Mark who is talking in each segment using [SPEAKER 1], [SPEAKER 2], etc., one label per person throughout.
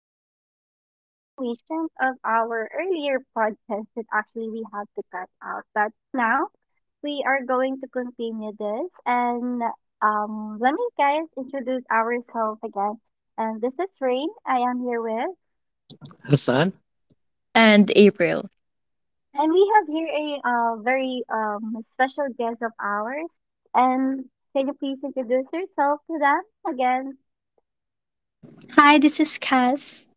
[SPEAKER 1] Welcome again to the continuation of our earlier podcast that actually we had to cut out. But now we are going to continue this and let me guys introduce ourselves again. And this is Rain. I am here with,
[SPEAKER 2] Hassan?
[SPEAKER 3] And April.
[SPEAKER 1] and we have here a very special guest of ours. And can you please introduce yourself to them again?
[SPEAKER 2] Hi, this is Cass.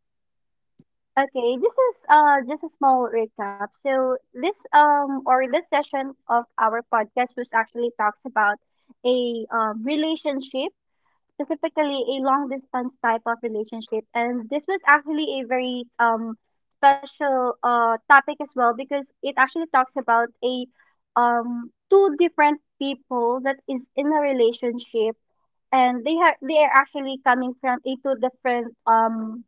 [SPEAKER 1] Okay, this is just a small recap. So this or this session of our podcast was actually talks about a relationship, specifically a long distance type of relationship, and this was actually a very special topic as well because it actually talks about a two different people that is in a relationship and they are actually coming from a two different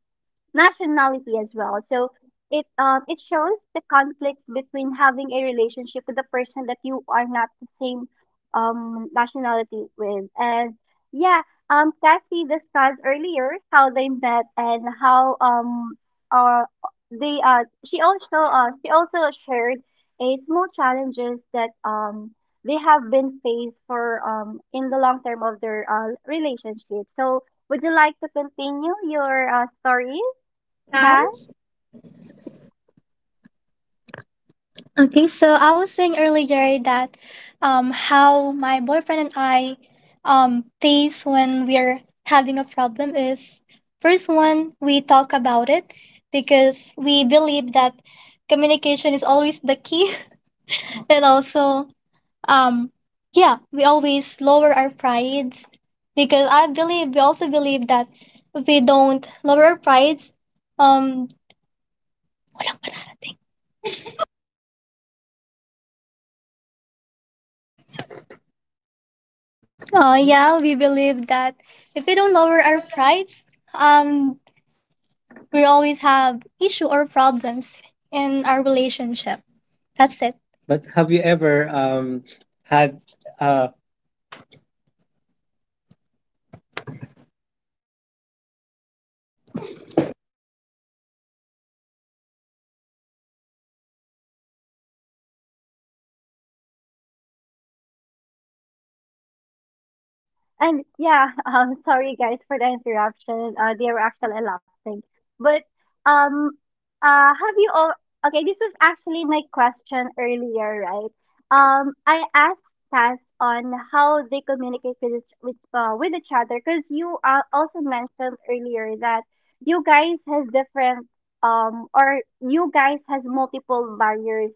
[SPEAKER 1] nationality as well. So it shows the conflicts between having a relationship with a person that you are not the same nationality with. And yeah, Cassie discussed earlier how they met and how uh they she also shared a small challenges that they have been faced for in the long term of their relationship. So would you like to continue your story? Hi.
[SPEAKER 2] Guys. Okay, so I was saying earlier that, how my boyfriend and I face when we're having a problem is, first one, we talk about it because we believe that communication is always the key. And also, um, yeah, we always lower our prides, because I believe, we also believe that if we don't lower our prides, um, oh yeah, we believe that if we don't lower our prides, um, we always have issue or problems in our relationship. That's it. But have you ever had uh
[SPEAKER 1] And yeah, sorry guys for the interruption. They were actually laughing. But um, have you all? Okay, this was actually my question earlier, right? I asked Cass on how they communicate with with each other because you also mentioned earlier that you guys has different or you guys has multiple barriers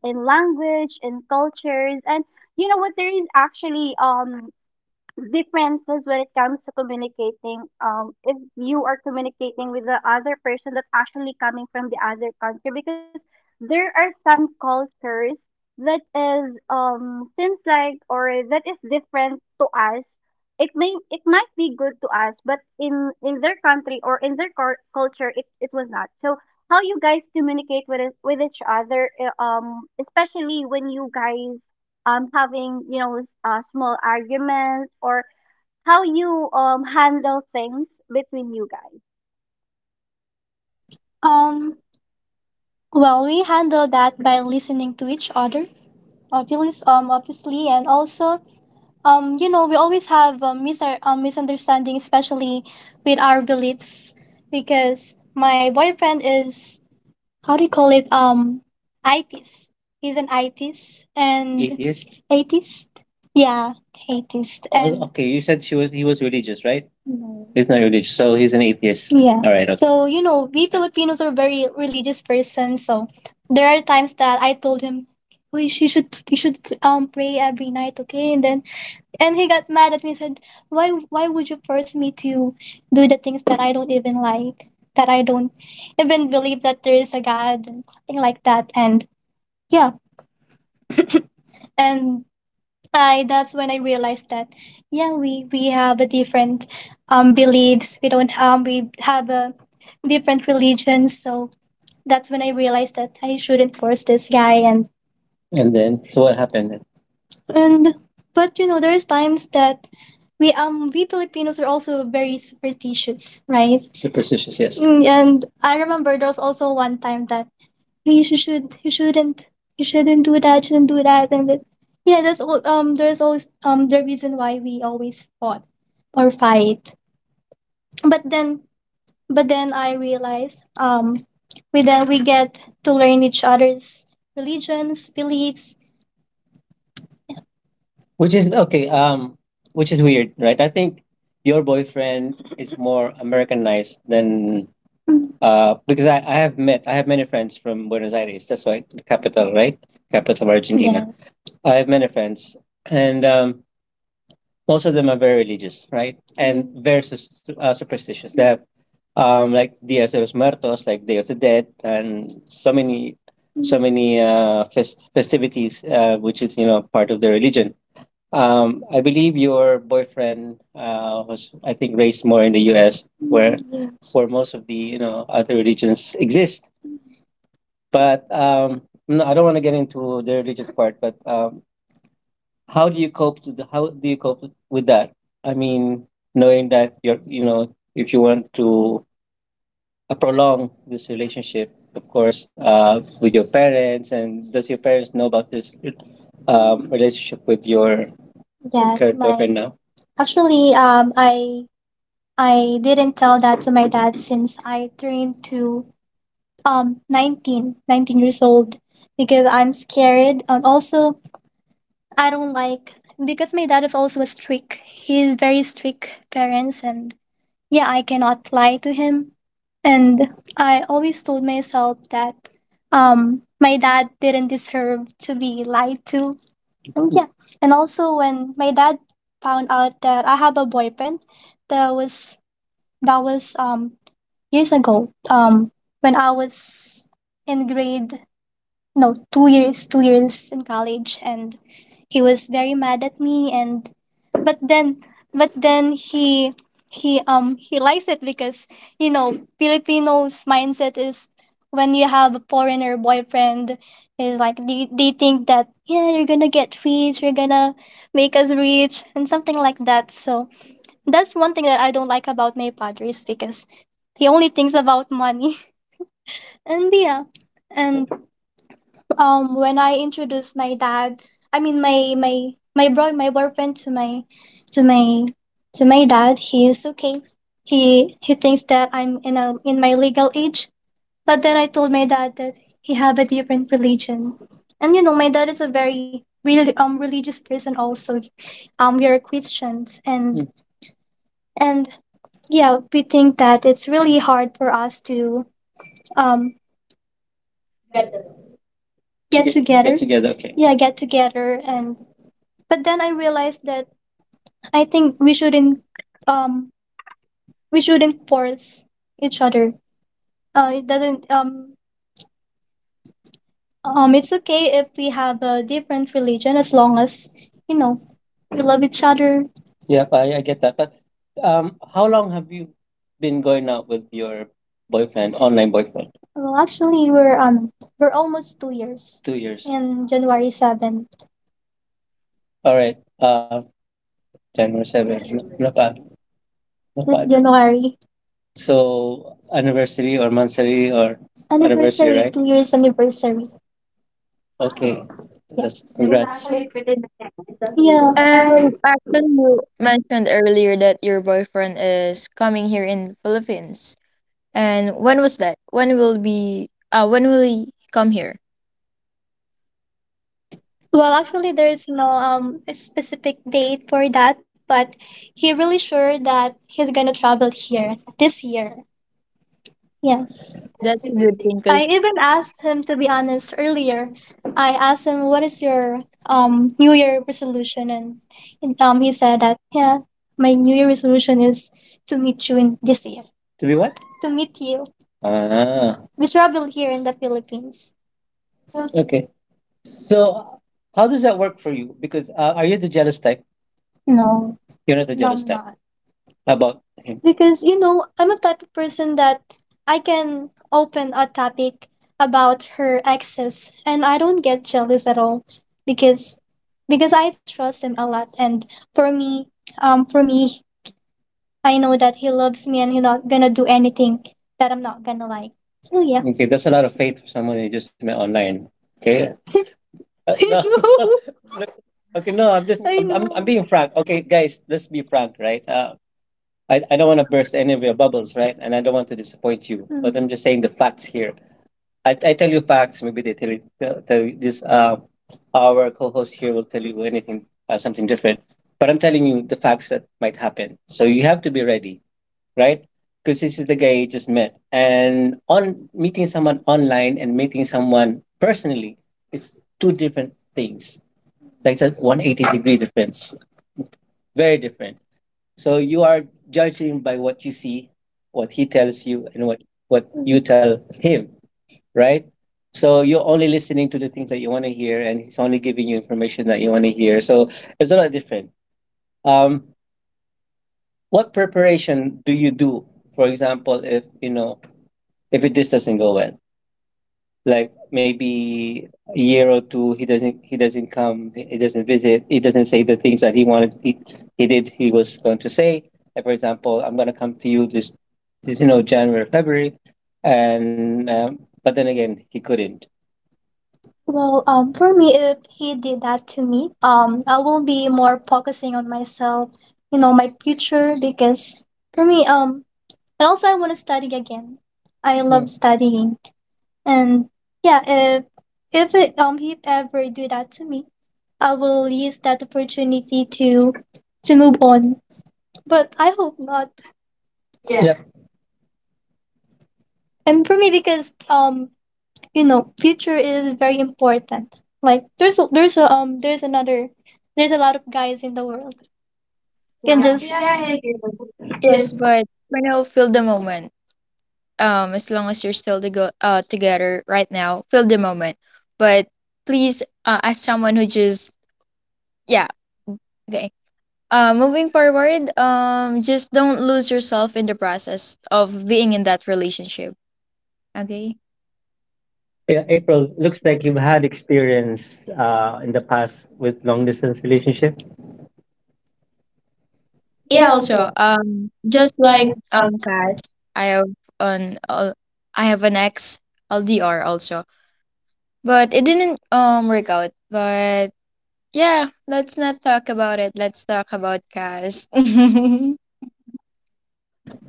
[SPEAKER 1] in language in cultures and you know what there is actually differences when it comes to communicating if you are communicating with the other person that actually coming from the other country because there are some cultures that is seems like or that is different to us. It may it might be good to us but in their country or in their culture it was not so. How you guys communicate with each other especially when you guys having you know small arguments or how you handle things between you guys.
[SPEAKER 2] Um, well, we handle that by listening to each other, obviously, and also, you know, we always have a misunderstanding, especially with our beliefs, because my boyfriend is, how do you call it? ITIS. He's an ITIS and Atheist? Atheist. Yeah, atheist. And oh, okay. You said she was, he was religious, right? No. He's not religious, so he's an atheist. Yeah. All right. Okay. So you know, we Filipinos are very religious person. So there are times that I told him, "We, you should, you should pray every night, okay?" And then, and he got mad at me and said, why would you force me to do the things that I don't even like? That I don't even believe that there is a God, and something like that. And yeah. And I, that's when I realized that, yeah, we have a different beliefs. We don't we have a different religions. So that's when I realized that I shouldn't force this guy. And then, so what happened? And but you know, there's times that we, we Filipinos are also very superstitious, right? Superstitious, yes. Mm, and I remember there was also one time that, please, you should, you shouldn't, you shouldn't do that, shouldn't do that. And then yeah, that's all, there's always, the reason why we always fought or fight. But then, but then I realized we, then we get to learn each other's religions, beliefs, which is okay, which is weird, right? I think your boyfriend is more Americanized than, because I have met, I have many friends from Buenos Aires, that's why, the capital, right? Capital of Argentina. Yeah. I have many friends, and most of them are very religious, right? And very superstitious. They have, like Dia de los Muertos, like Day of the Dead, and so many, so many festivities, which is, you know, part of their religion. I believe your boyfriend was, I think, raised more in the U.S., where for most of the, you know, other religions exist. But no, I don't want to get into the religious part. But how do you cope to the, how do you cope with that? I mean, knowing that you're, you know, if you want to prolong this relationship, of course, with your parents. And does your parents know about this relationship with your... Yes, current, my boyfriend now? Actually I didn't tell that to my dad since I turned to nineteen years old, because I'm scared, and also I don't like, because my dad is also a strict, he's very strict parents. And yeah, I cannot lie to him. And I always told myself that my dad didn't deserve to be lied to. And yeah, and also, when my dad found out that I have a boyfriend, that was, that was years ago. When I was in grade, no, 2 years in college, and he was very mad at me. And but then, but then he, he likes it, because you know, Filipinos mindset is, when you have a foreigner boyfriend, is like they think that yeah, you're gonna get rich, you're gonna make us rich, and something like that. So that's one thing that I don't like about my padres, because he only thinks about money. And yeah, and when I introduced my dad, I mean my boy, my boyfriend to my, to my, to my dad, he is okay. He thinks that I'm in a, in my legal age. But then I told my dad that he have a different religion, and you know my dad is a very really religious person also. We are Christians. And mm, and yeah, we think that it's really hard for us to um get, together, get together, okay. Yeah, get together. And, but then I realized that I think um we shouldn't force each other. It doesn't it's okay if we have a different religion, as long as, you know, we love each other. Yep, I get that. But how long have you been going out with your boyfriend, online boyfriend? Well, actually, we're almost 2 years. In January 7th. All right. January 7th. Not bad. Not this bad. January. So anniversary or monthsary or anniversary, anniversary, right? 2 years anniversary. Okay. Yeah. That's
[SPEAKER 1] It was
[SPEAKER 2] congrats.
[SPEAKER 1] actually
[SPEAKER 2] Yeah.
[SPEAKER 3] And actually, you mentioned earlier that your boyfriend is coming here in Philippines. And when was that? When will be? When will he come here?
[SPEAKER 2] Well, actually, there is no specific date for that, but he really sure that he's gonna travel here this year. Yeah.
[SPEAKER 3] That's a good thing, 'cause
[SPEAKER 2] I even asked him to be honest earlier. I asked him, what is your New Year resolution? And he said that, yeah, my New Year resolution is to meet you in this year. To be what? To meet you. Ah, we travel here in the Philippines. So okay. So, how does that work for you? Because are you the jealous type? No. You're not the, no, jealous I'm type, not about him? Because you know, I'm a type of person that I can open a topic about her exes and I don't get jealous at all, because because I trust him a lot, and for me, for me, I know that he loves me and he's not gonna do anything that I'm not gonna like. So yeah. Okay, that's a lot of faith for someone you just met online. Okay. No. I no. know. Look, okay, no, I'm just, I, I'm know, being frank. Okay, guys, let's be frank, right? I don't want to burst any of your bubbles, right? And I don't want to disappoint you, but I'm just saying the facts here. I tell you facts, maybe they tell you, tell, tell you this. Our co host here will tell you anything, something different. But I'm telling you the facts that might happen. So you have to be ready, right? Because this is the guy you just met. And on meeting someone online and meeting someone personally, it's two different things. Like it's a 180-degree difference, very different. So you are judging by what you see, what he tells you, and what you tell him, right? So you're only listening to the things that you want to hear, and he's only giving you information that you want to hear. So it's a lot different. Um, what preparation do you do, for example, if you know, if it, this doesn't go well? Like maybe a year or two, he doesn't, he doesn't come, he doesn't visit, he doesn't say the things that he wanted, he did, he was going to say, like for example, I'm going to come to you this, this, you know, January, February, and but then again, he couldn't. Well, for me, if he did that to me, I will be more focusing on myself, you know, my future. Because for me, and also I want to study again. I, mm, love, mm, studying. And yeah, if it he ever do that to me, I will use that opportunity to move on. But I hope not. Yeah. Yeah. And for me, because you know, future is very important. Like there's a, there's a, there's another, there's a lot of guys in the world, can, yeah,
[SPEAKER 1] Yeah, we
[SPEAKER 2] just
[SPEAKER 1] a
[SPEAKER 2] yeah, yeah, yeah,
[SPEAKER 3] yes,
[SPEAKER 2] yes.
[SPEAKER 3] but for now, feel the moment. As long as you're still to go together right now, feel the moment. But please, as someone who just yeah, g- moving forward, just don't lose yourself in the process of being in that relationship. Okay.
[SPEAKER 2] Yeah, April, looks like you've had experience in the past with long distance relationship. Yeah,
[SPEAKER 3] Yeah.
[SPEAKER 2] also
[SPEAKER 3] Also, just
[SPEAKER 2] that's
[SPEAKER 3] like
[SPEAKER 2] why...
[SPEAKER 3] guys, I have an ex LDR also, but it didn't work out. But yeah, let's not talk about it. Let's talk about guys.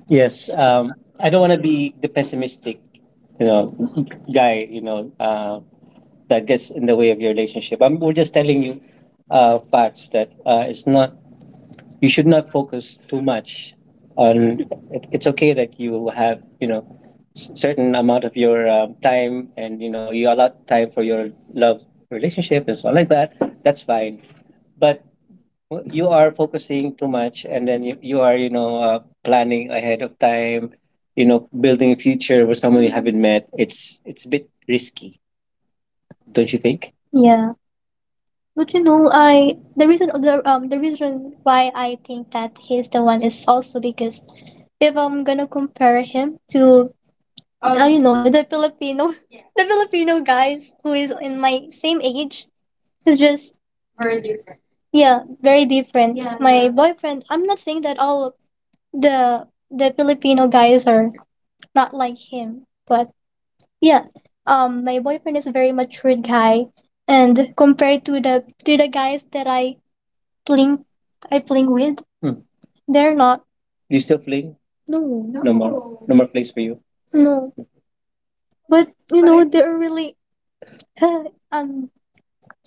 [SPEAKER 2] Yes, I don't want to be the pessimistic, you know, guy, you know, that gets in the way of your relationship. I'm, we're just telling you facts that it's not. You should not focus too much on. It, it's okay that you will have, you know, certain amount of your time, and you know, you allot time for your love relationship and so on like that. That's fine, but, well, you are focusing too much, and then you are planning ahead of time, building a future with someone you haven't met. It's a bit risky, don't you think? Yeah. But I the reason why I think that he's the one is also because if I'm gonna compare him to the Filipino the Filipino guys who is in my same age, it's just very different. Yeah, very different. Yeah. My, yeah, boyfriend, I'm not saying that all of the Filipino guys are not like him, but yeah. My boyfriend is a very mature guy, and compared to the guys that fling, I fling with. Hmm. They're not — Do you still fling? No. No more. No more place for you. No, but Right. They're really — I'm —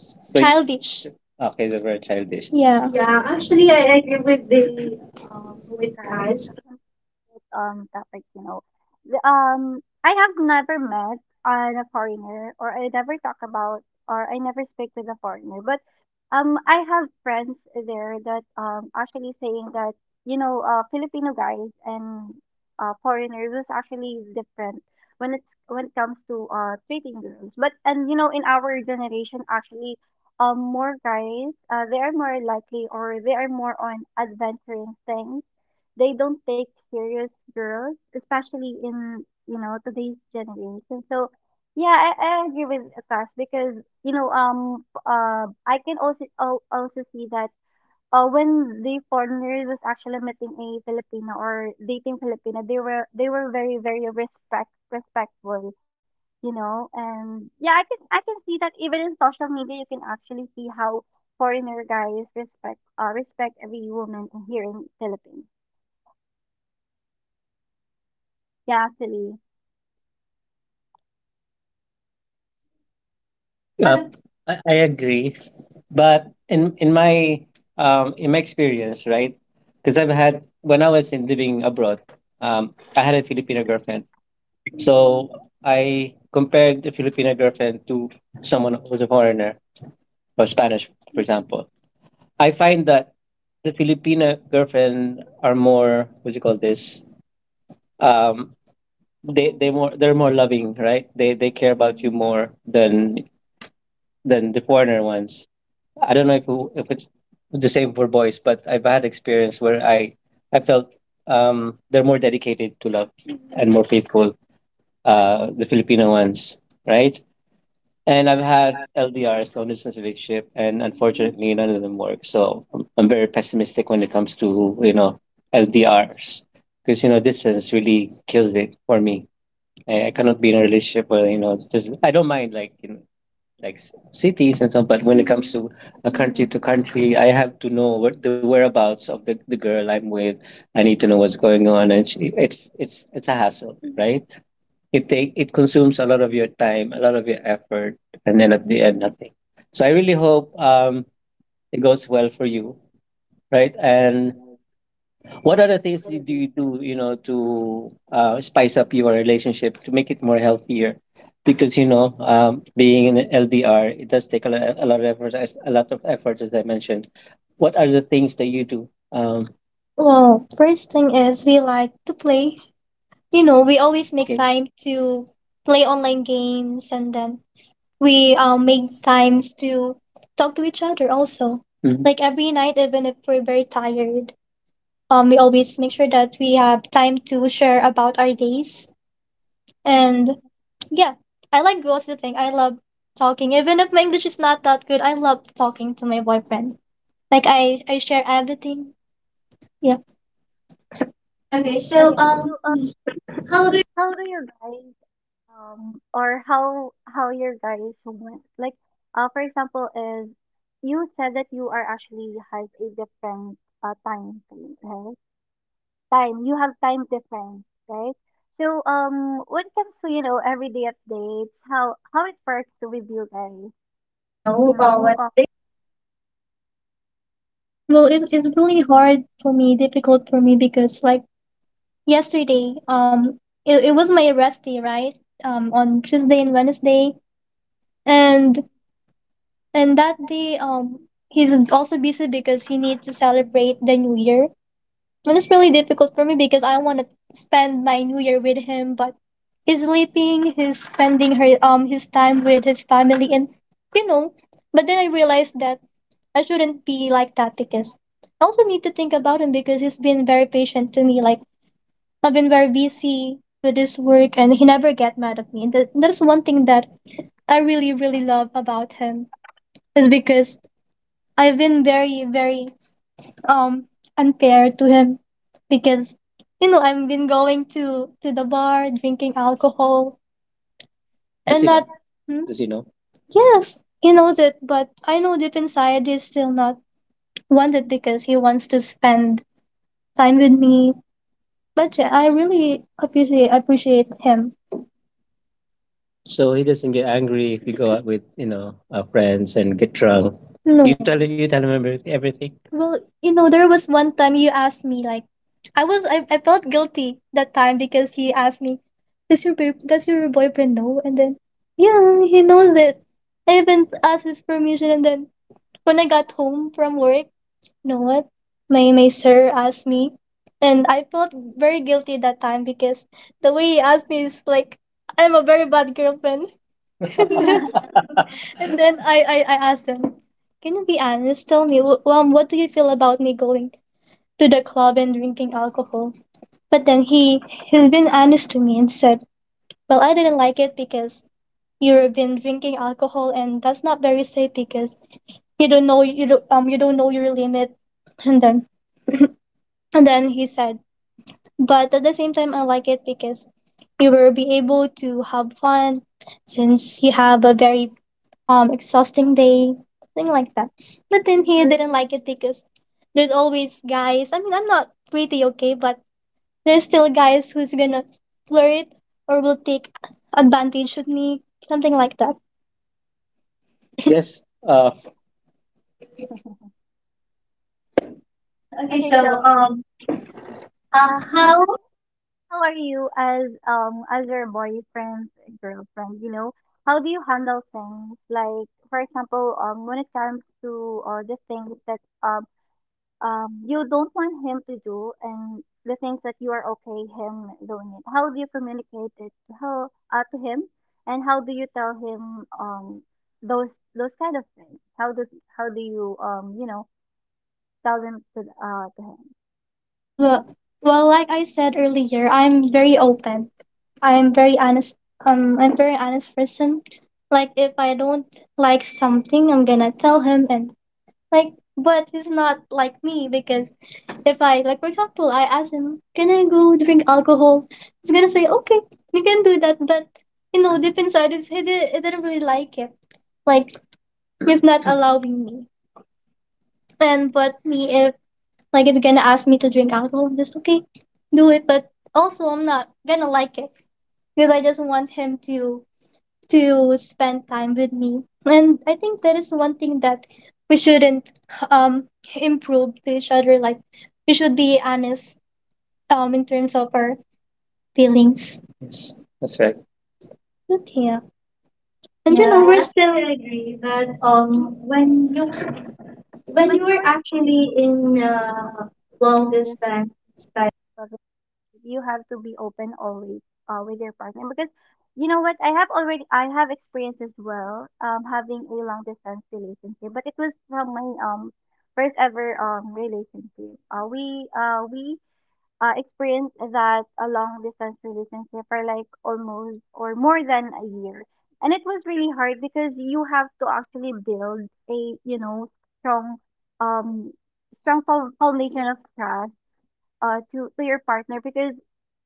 [SPEAKER 2] So Childish. Okay, they were childish. Yeah. Yeah, actually, I agree with the
[SPEAKER 1] good
[SPEAKER 2] with
[SPEAKER 1] guys
[SPEAKER 2] guys.
[SPEAKER 1] topic, you know. I have never met on a foreigner, or I never talk about, or I never speak with a foreigner. But I have friends there that actually saying that you know Filipino guys and foreigners is actually different when it's when it comes to treating girls. But and you know in our generation actually more guys they are more likely or they are more on adventuring things. They don't take serious girls, especially in you know today's generation. So yeah, I agree with Akash because you know I can also also see that when the foreigners was actually meeting a Filipino or dating Filipino, they were very very respectful, you know. And yeah, I can see that even in social media, you can actually see how foreigner guys respect respect every woman here in Philippines. Yeah, actually. But
[SPEAKER 2] Uh, I agree, but in my experience, right? Because I've had, when I was in living abroad, I had a Filipino girlfriend. So I compared the Filipino girlfriend to someone who's a foreigner or Spanish, for example. I find that the Filipino girlfriend are more, what do you call this? Um, they're more loving, right? They care about you more than the foreigner ones. I don't know if if it's the same for boys, but I've had experience where I felt they're more dedicated to love and more faithful. The Filipino ones, right? And I've had LDRs, long distance relationship, and unfortunately, none of them work. So I'm very pessimistic when it comes to you know LDRs, because distance really kills it for me. I cannot be in a relationship where I don't mind, like, like cities and stuff, but when it comes to a country to country, I have to know what the whereabouts of the girl I'm with. I need to know what's going on, and it's a hassle, right? It consumes a lot of your time, a lot of your effort, and then at the end, nothing. So I really hope it goes well for you, right? And what other things do to spice up your relationship to make it more healthier? Because being an LDR, it does take a lot of effort, as a lot of effort, as I mentioned. What are the things that you do? Well, first thing is we like to play. You know, we always make games. Time to play online games, and then we make times to talk to each other also. Mhm. Like every night, even if we're very tired. We always make sure that we have time to share about our days. And yeah, I like gossiping. I love talking. Even if my English is not that good, I love talking to my boyfriend. Like, I share everything. Yeah. Okay. So
[SPEAKER 1] okay, so
[SPEAKER 2] how do
[SPEAKER 1] how do you guys or how your guys went like for example is you said that you are actually has a different time frame, right? Time You have time difference, right? So when it comes to you know everyday updates, how it works with you guys,
[SPEAKER 2] you know,
[SPEAKER 1] you know?
[SPEAKER 2] what? Well, it's really hard for me, difficult for me, because, like, yesterday, it was my rest day, right? On Tuesday and Wednesday. And And that day, he's also busy because he needs to celebrate the New Year. And it's really difficult for me because I want to spend my New Year with him, but he's sleeping, he's spending her his time with his family, and you know. But then I realized that I shouldn't be like that, because I also need to think about him, because he's been very patient to me. Like, I've been very busy with his work, and he never get mad at me. And that's one thing that I really really love about him, is because I've been very, very um unfair to him, because I've been going to the bar drinking alcohol. Does and he know? Not. Hmm? Does he know? Yes, he knows it, but I know deep inside he's still not wanted, because he wants to spend time with me. But yeah, I really appreciate him. So he doesn't get angry if you go out with our friends and get drunk. No. You No, tell, you tell him everything. Well, there was one time you asked me, like, I felt guilty that time because he asked me, does your boyfriend know? And then, yeah, he knows it. I even asked his permission, and then when I got home from work, you know what? My sir asked me, and I felt very guilty that time, because the way he asked me is like I'm a very bad girlfriend. And then I asked him, can you be honest? Tell me, what do you feel about me going to the club and drinking alcohol? But then he's been honest to me and said, well, I didn't like it because you've been drinking alcohol, and that's not very safe, because you don't know your limit. And then and then he said, but at the same time I like it, because you will be able to have fun, since you have a very exhausting day, something like that. But then he didn't like it, because there's always guys. I mean, I'm not pretty, okay, but there's still guys who's gonna flirt or will take advantage of me, something like that. Yes. Okay,
[SPEAKER 1] Okay,
[SPEAKER 2] so
[SPEAKER 1] so uh,
[SPEAKER 2] how?
[SPEAKER 1] how how are you as your boyfriend's girlfriend? You know, how do you handle things like, for example, when it comes to the things that you don't want him to do and the things that you are okay him doing it. How do you communicate it to how to him, and how do you tell him those those kind of things? How do you you know tell them to him?
[SPEAKER 2] Well, well, like I said earlier, I'm very open. I'm very honest. I'm very honest person. Like, if I don't like something, I'm gonna tell him, and like, but he's not like me, because if I like, for example, I ask him, "Can I go drink alcohol?" He's gonna say, "Okay, you can do that," but, deep inside, he didn't really like it. Like, he's not allowing me. And but me, if like it's gonna ask me to drink alcohol, I'm just, okay, do it. But also, I'm not gonna like it, because I just want him to spend time with me. And I think that is one thing that we shouldn't um improve to each other. Like, we should be honest in terms of our feelings. Yes, that's right. But yeah. And,
[SPEAKER 1] Yeah,
[SPEAKER 2] yeah, I we're
[SPEAKER 1] I,
[SPEAKER 2] still actually agree that
[SPEAKER 1] uh,
[SPEAKER 2] when you,
[SPEAKER 1] you
[SPEAKER 2] when you
[SPEAKER 1] when you
[SPEAKER 2] were
[SPEAKER 1] were
[SPEAKER 2] actually in, long
[SPEAKER 1] along this,
[SPEAKER 2] distance —
[SPEAKER 1] you have to be open always with your partner because you know what, I have experienced as well having a long distance relationship, but it was from my first ever relationship. We experienced that a long distance relationship for like almost or more than a year and it was really hard because you have to actually build a you know strong um foundation of trust to your partner because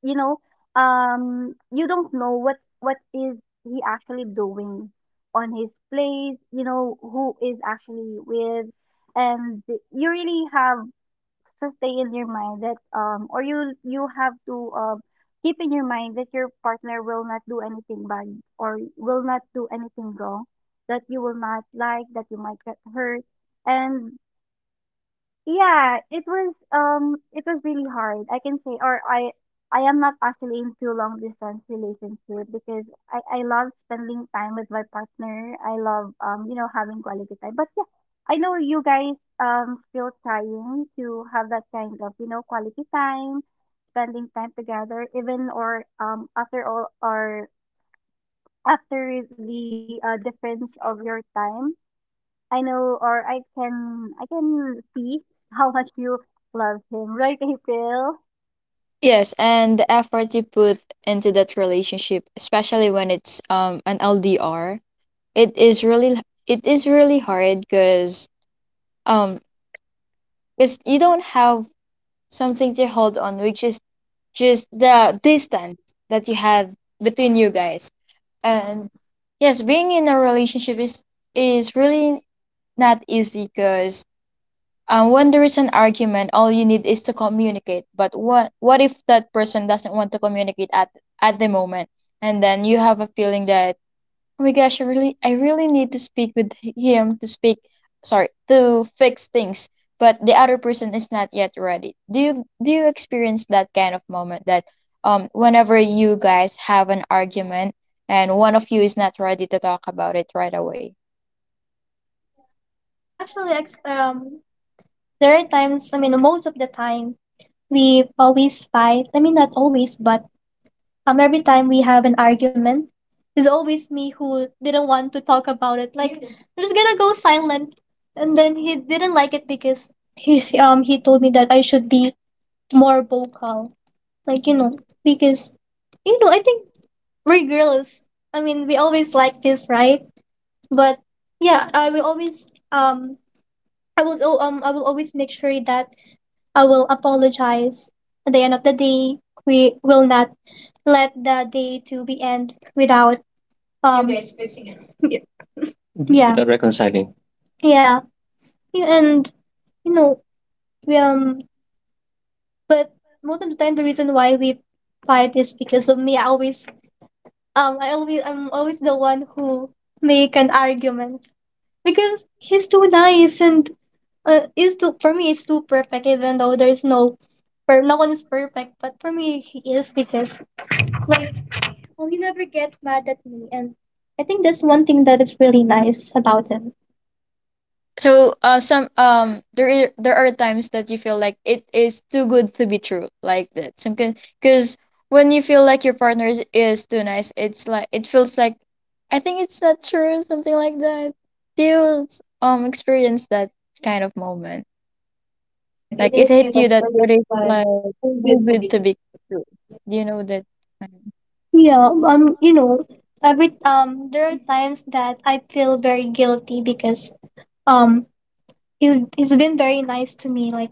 [SPEAKER 1] you know you don't know what is he actually doing on his place, you know who is actually with, and you really have to stay in your mind that or you have to keep in your mind that your partner will not do anything bad or will not do anything wrong that you will not like that you might get hurt. And yeah, it was really hard. I can say or I am not actually into long distance relationship because I love spending time with my partner. I love you know having quality time. But yeah, I know you guys still trying to have that kind of, you know, quality time, spending time together even or after all or after the difference of your time. I know or I can see how much you love him, right, April?
[SPEAKER 3] Yes, and the effort you put into that relationship, especially when it's an LDR. It is really it is really hard um because you don't have something to hold on, which is just
[SPEAKER 1] Yeah.
[SPEAKER 3] the distance that you had between you guys. And yes, being in a relationship is really not easy because when there is an argument, all you need is to communicate. But what if that person doesn't want to communicate at the moment, and then you have a feeling that, "Oh my gosh, I really need to speak with him to speak, sorry, to fix things," but the other person is not yet ready. Do you experience that kind of moment, that whenever you guys have an argument and one of you is not ready to talk about it right away?
[SPEAKER 2] well, actually, there are times, I mean, most of the time we always fight. I mean, not always, but every time we have an argument, it's always me who didn't want to talk about it. Like, I was gonna go silent, and then he didn't like it because he told me that I should be more vocal. Like, because I think we're girls. I mean, we always like this, right? But yeah, I will always make sure that I will apologize. At the end of the day, we will not let the day to be end without um y- Yeah. Without reconciling. Yeah, and, you know, we, um, but most of the time, the reason why we fight is because of me. I'm always the one who make an argument, because he's too nice, and is too for me. It's too perfect, even though there's no, per, no one is perfect. But for me, he is, because, like, oh, he never get mad at me, and I think that's one thing that is really nice about him.
[SPEAKER 3] So some there are times that you feel like it is too good to be true, like that. Some, because when you feel like your partner is too nice, it's like it feels like I think it's not true, something like that. Do you experience that kind of moment?
[SPEAKER 2] Like it
[SPEAKER 3] Like it
[SPEAKER 2] hit you
[SPEAKER 3] hit
[SPEAKER 2] that
[SPEAKER 3] you that
[SPEAKER 2] there
[SPEAKER 3] it
[SPEAKER 2] is,
[SPEAKER 3] is
[SPEAKER 2] like,
[SPEAKER 3] like
[SPEAKER 2] who
[SPEAKER 3] too
[SPEAKER 2] will the
[SPEAKER 3] good to
[SPEAKER 2] video.
[SPEAKER 3] be true. Do you know that kind?
[SPEAKER 2] Yeah, every there are times that I feel very guilty, because um, he's been very nice to me, like,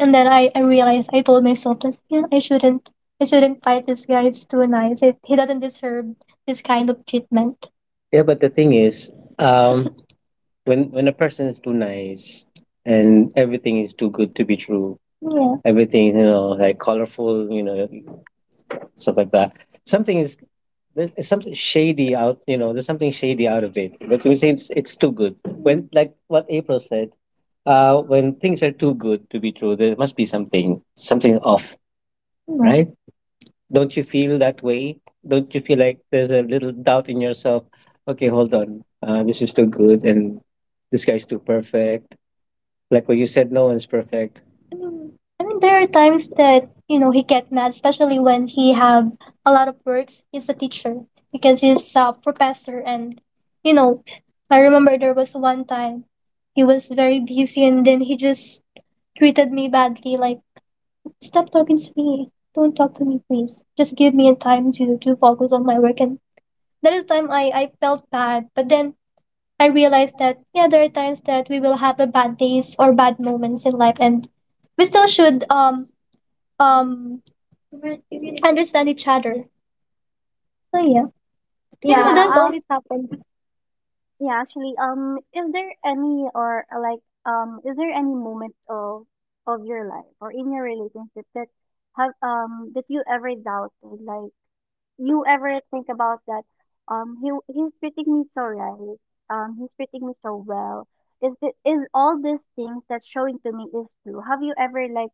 [SPEAKER 2] and then I realized I told myself that, yeah, I shouldn't fight this guy. It's too nice. He doesn't deserve this kind of treatment. Yeah, but the thing is, um, when a person is too nice and everything is too good to be true. Yeah. Everything, like, colorful, stuff like that, something is there's something shady out, there's something shady out of it. But we say it's too good when, like what April said, when things are too good to be true, there must be something off. Right. Right. Don't you feel that way? Don't you feel like there's a little doubt in yourself? Okay, hold on, this is too good, and this guy's too perfect. Like what you said, no one's perfect. I mean, I mean, there are times that he get mad, especially when he have a lot of works. He's a teacher because he's a professor, and you know, I remember there was one time he was very busy, and then he just treated me badly. Like, stop talking to me. Don't talk to me, please. Just give me a time to focus on my work. And that is the time I felt bad, but then I realized that yeah, there are times that we will have a bad days or bad moments in life, and we still should um understand each other. So yeah, yeah, know,
[SPEAKER 1] Yeah,
[SPEAKER 2] that's always happened.
[SPEAKER 1] yeah, actually, is there any or like is there any moment of your life or in your relationship that have that you ever doubted, like you ever think about that he's treating me so right, he's treating me so well, is it is all these things that's showing to me is true? Have you ever like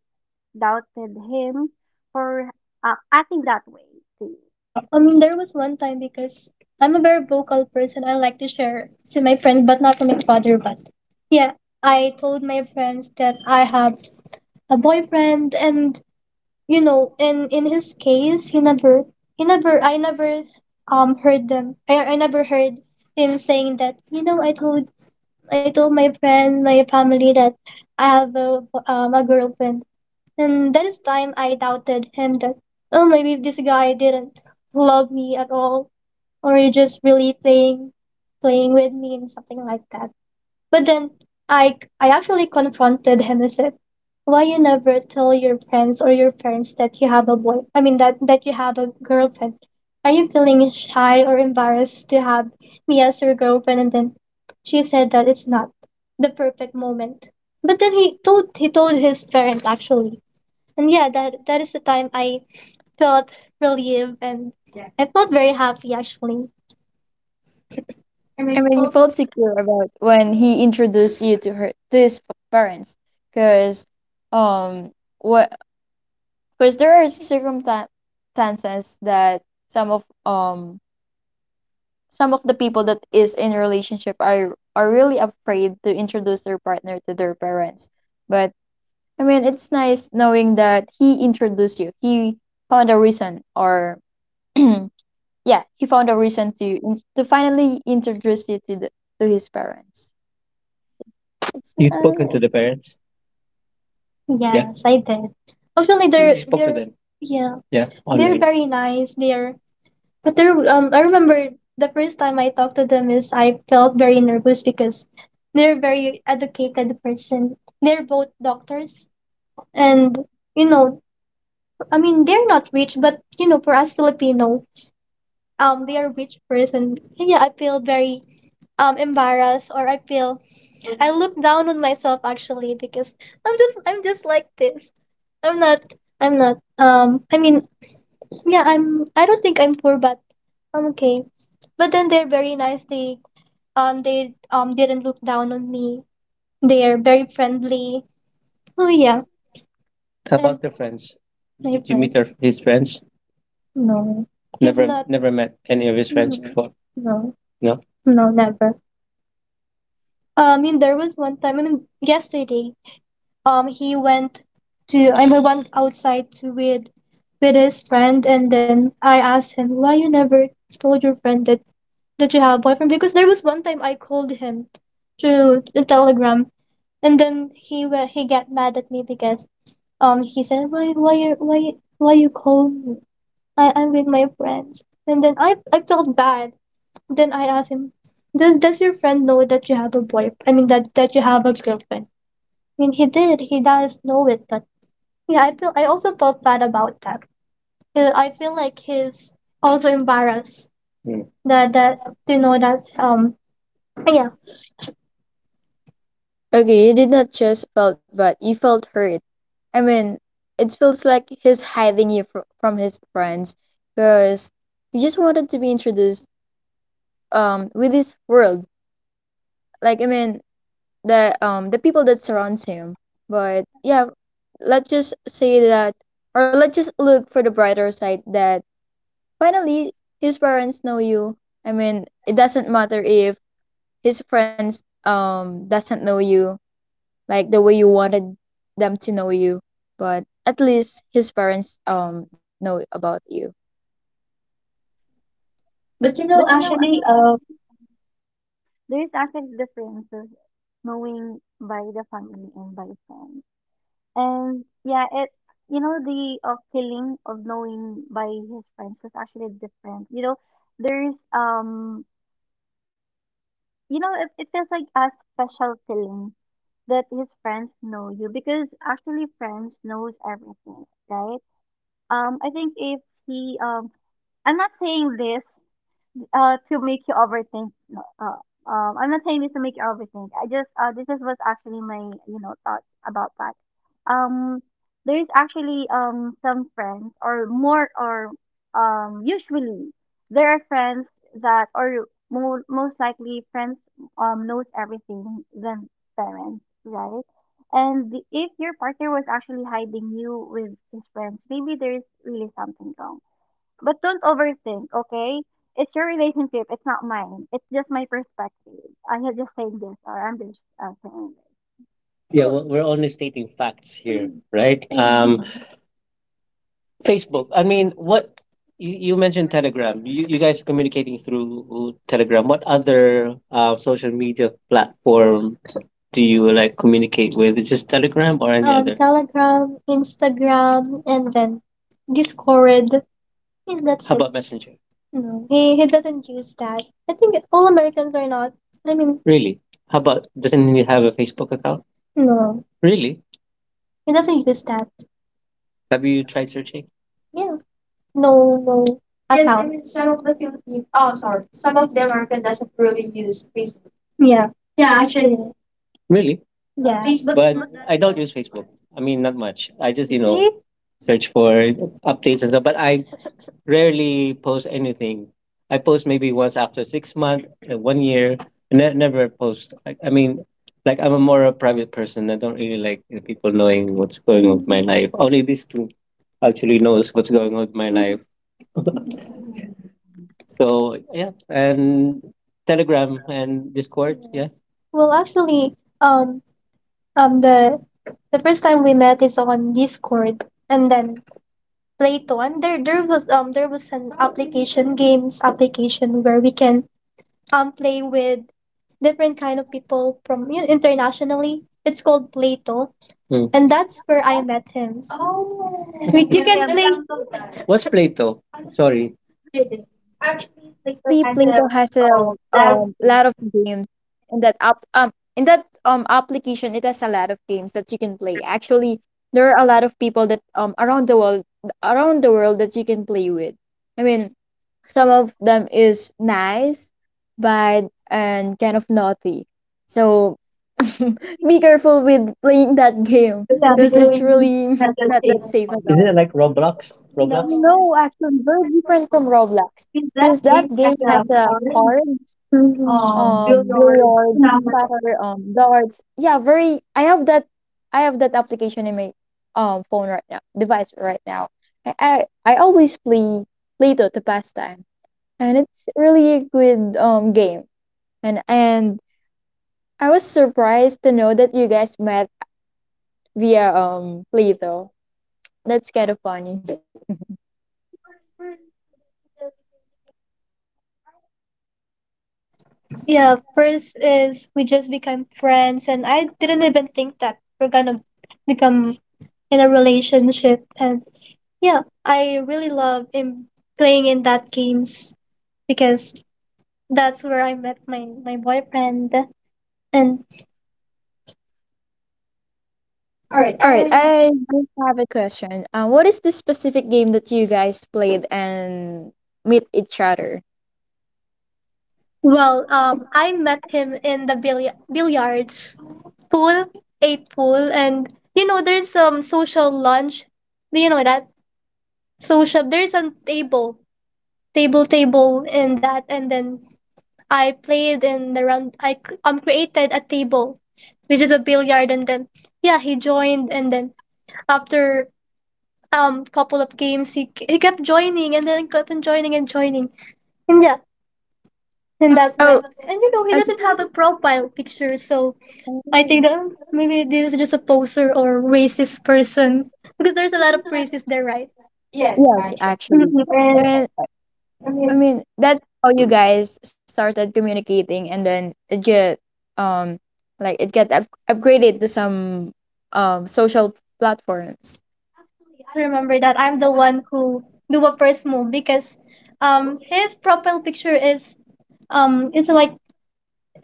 [SPEAKER 1] doubted him for acting that way to you?
[SPEAKER 2] Yeah, I mean there was one time because I'm a very vocal person. I like to share to my friends, but not to my father. But yeah, I told my friends that I have a boyfriend, and you know in his case he never he never i never I never heard him saying that you know I told my friend, my family that I have a girlfriend, and that is time I doubted him that oh maybe this guy didn't love me at all, or he just really playing with me and something like that. But then I actually confronted him and said, "Why you never tell your friends or your parents that you have a boy? I mean that that you have a girlfriend. Are you feeling shy or embarrassed to have me as your girlfriend?" And then she said that it's not the perfect moment. But then he told his parent actually, and yeah, that is the time I felt relieved, and I felt very happy actually.
[SPEAKER 3] I mean, you felt secure about when he introduced you to her to his parents, because um, what? Because there are circumstances that some of um some of the people that is in relationship are really afraid to introduce their partner to their parents. But I mean, it's nice knowing that he introduced you. He found a reason, or yeah, he found a reason to to finally introduce you to the to his parents. It's
[SPEAKER 2] You spoken to
[SPEAKER 3] nice.
[SPEAKER 2] the parents? Yeah. Yes, I did. Actually, You they're spoke to they're them. Yeah. they're Online. Very nice. They're but they're I remember the first time I talked to them is I felt very nervous because they're very educated person. They're both doctors, and you know, I mean they're not rich, but you know, for us Filipino, they are rich person. And yeah, I feel very embarrassed, or I feel I look down on myself actually because I'm just like this. I'm not I'm not I mean, yeah, I don't think I'm poor, but I'm okay. But then they're very nice. They didn't look down on me. They're very friendly. Oh yeah. How And about the friends? My Did you friend meet his friends? No. He's Never, not never met any of his friends before. No. No. No Never. I mean there was one time, I mean yesterday, he went to, I mean, went outside to with his friend, and then I asked him why you never told your friend that that you have a boyfriend, because there was one time I called him to the telegram, and then he got mad at me because he said why you call me. I'm with my friends, and then I felt bad. Then I asked him does your friend know that you have a boy? I mean that that you have a girlfriend. I mean he does know it, but yeah, I feel, I also felt bad about that. I feel like he's also embarrassed Mm. that to know that yeah.
[SPEAKER 3] Okay, you did not just felt bad, you felt hurt. I mean, it feels like he's hiding you from his friends, because you just wanted to be introduced with this world. Like I mean, the people that surrounds him. But yeah, let's just say that, or let's just look for the brighter side, that finally his parents know you. I mean, it doesn't matter if his friends doesn't know you like the way you wanted them to know you, but at least his parents know about you.
[SPEAKER 2] But you
[SPEAKER 1] But
[SPEAKER 2] know,
[SPEAKER 1] you know,
[SPEAKER 2] actually,
[SPEAKER 1] there's actually differences knowing by the family and by friends. And yeah, it you know the feeling of knowing by his friends was actually different. You know, there's you know it feels like a special feeling that his friends know you because actually friends knows everything, right? I think if he I'm not saying this to make you overthink. No, I'm not saying this to make you overthink. I just this is was actually my you know thoughts about that. Um, there's actually some friends or more or usually there are friends that or most likely friends knows everything than parents, right? And the, if your partner was actually hiding you with his friends, maybe there's really something wrong, but don't overthink, okay? It's your relationship. It's not mine. It's just my perspective. I have just saying this, or I'm just saying this.
[SPEAKER 2] yeah, we're only stating facts here, right? Facebook. I mean, what you mentioned Telegram. You guys are communicating through Telegram. What other social media platform do you like communicate with? It's just Telegram or any other? Telegram, Instagram, and then Discord. Think that's How it. About Messenger? No, he doesn't use that. I think all Americans are not. I mean, really? How about doesn't he have a Facebook account? No, Really? He doesn't use that. Have you tried searching? Yeah, no, no. Yes, I account. Mean some of the Philippine. Oh, sorry. Some of the American doesn't really use Facebook. Yeah. Yeah, actually, really? Yeah. Facebook is but
[SPEAKER 1] Facebook
[SPEAKER 2] not that I don't use Facebook. I mean, not much. I just you know, see? Search for updates and stuff. But I rarely post anything. I post maybe once after 6 months, 1 year, and never post. I mean, like I'm a more a private person. I don't really like you people knowing what's going on with my life. Only these two actually knows what's going on with my life. So yeah, and Telegram and Discord. Yeah. Yes. Well, actually, um, the first time we met is on Discord, and then Playton, there was an application, games application, where we can play with different kind of people from, you know, internationally. It's called Plato. Mm. And that's where I met him. Oh, we- you can play. What's Plato? Sorry. Actually, Plato
[SPEAKER 3] Actually,
[SPEAKER 2] has a
[SPEAKER 3] Plato has a
[SPEAKER 2] lot of things.
[SPEAKER 3] lot of games in that app in that application. It has a lot of games that you can play. Actually, there are a lot of people that around the world that you can play with. I mean, some of them is nice, bad, and kind of naughty. So be careful with playing that game
[SPEAKER 2] Yeah,
[SPEAKER 3] because it's
[SPEAKER 2] really
[SPEAKER 3] really
[SPEAKER 2] the
[SPEAKER 3] not
[SPEAKER 2] same.
[SPEAKER 3] that safe at
[SPEAKER 2] Is
[SPEAKER 3] all.
[SPEAKER 2] it like Roblox? Roblox?
[SPEAKER 3] No, actually, very different from Roblox,
[SPEAKER 2] Since
[SPEAKER 3] because
[SPEAKER 2] that
[SPEAKER 3] that
[SPEAKER 2] game
[SPEAKER 3] game
[SPEAKER 2] has
[SPEAKER 3] has
[SPEAKER 2] a
[SPEAKER 3] a
[SPEAKER 2] orange
[SPEAKER 3] cards,
[SPEAKER 2] Mhm. Billboards
[SPEAKER 3] billiards,
[SPEAKER 2] number.
[SPEAKER 3] soccer, darts. Yeah, very. I have that. I have that application in my device right now. I always play Play-Doh to pass time, and it's really a good game. And I was surprised to know that you guys met via Play-Doh. That's kind of funny.
[SPEAKER 2] Yeah, first is we just became friends, and I didn't even think that we're gonna become in a relationship. And yeah, I really love in playing in that games because that's where I met my boyfriend. And all right,
[SPEAKER 3] All right,
[SPEAKER 2] I,
[SPEAKER 3] I just have a question. What is the specific game that you guys played and meet each other?
[SPEAKER 2] well,
[SPEAKER 3] Oh,
[SPEAKER 2] I met him in the billiards. Pool, ate pool, and you know there's social lunch. Do you know that social table in that? And then I played in the round. Created a table, which is a billiard, and then yeah, he joined. And then after couple of games, he kept joining, and then kept on joining and joining. And yeah, and that's when, and you know, he
[SPEAKER 3] okay.
[SPEAKER 2] doesn't have a profile picture, so I
[SPEAKER 3] Oh.
[SPEAKER 2] think that "Oh, maybe this is just a poser or racist person because there's a lot of racists there, right? Yes,
[SPEAKER 3] Yes,
[SPEAKER 2] actually. Mhm.
[SPEAKER 3] actually.
[SPEAKER 2] And
[SPEAKER 3] And
[SPEAKER 2] I
[SPEAKER 3] I
[SPEAKER 2] mean,
[SPEAKER 3] mean, that's how you guys started communicating, and then it get um like it get up upgraded to some social platforms.
[SPEAKER 2] I just remember that I'm the one who do a first move because his profile picture is it's like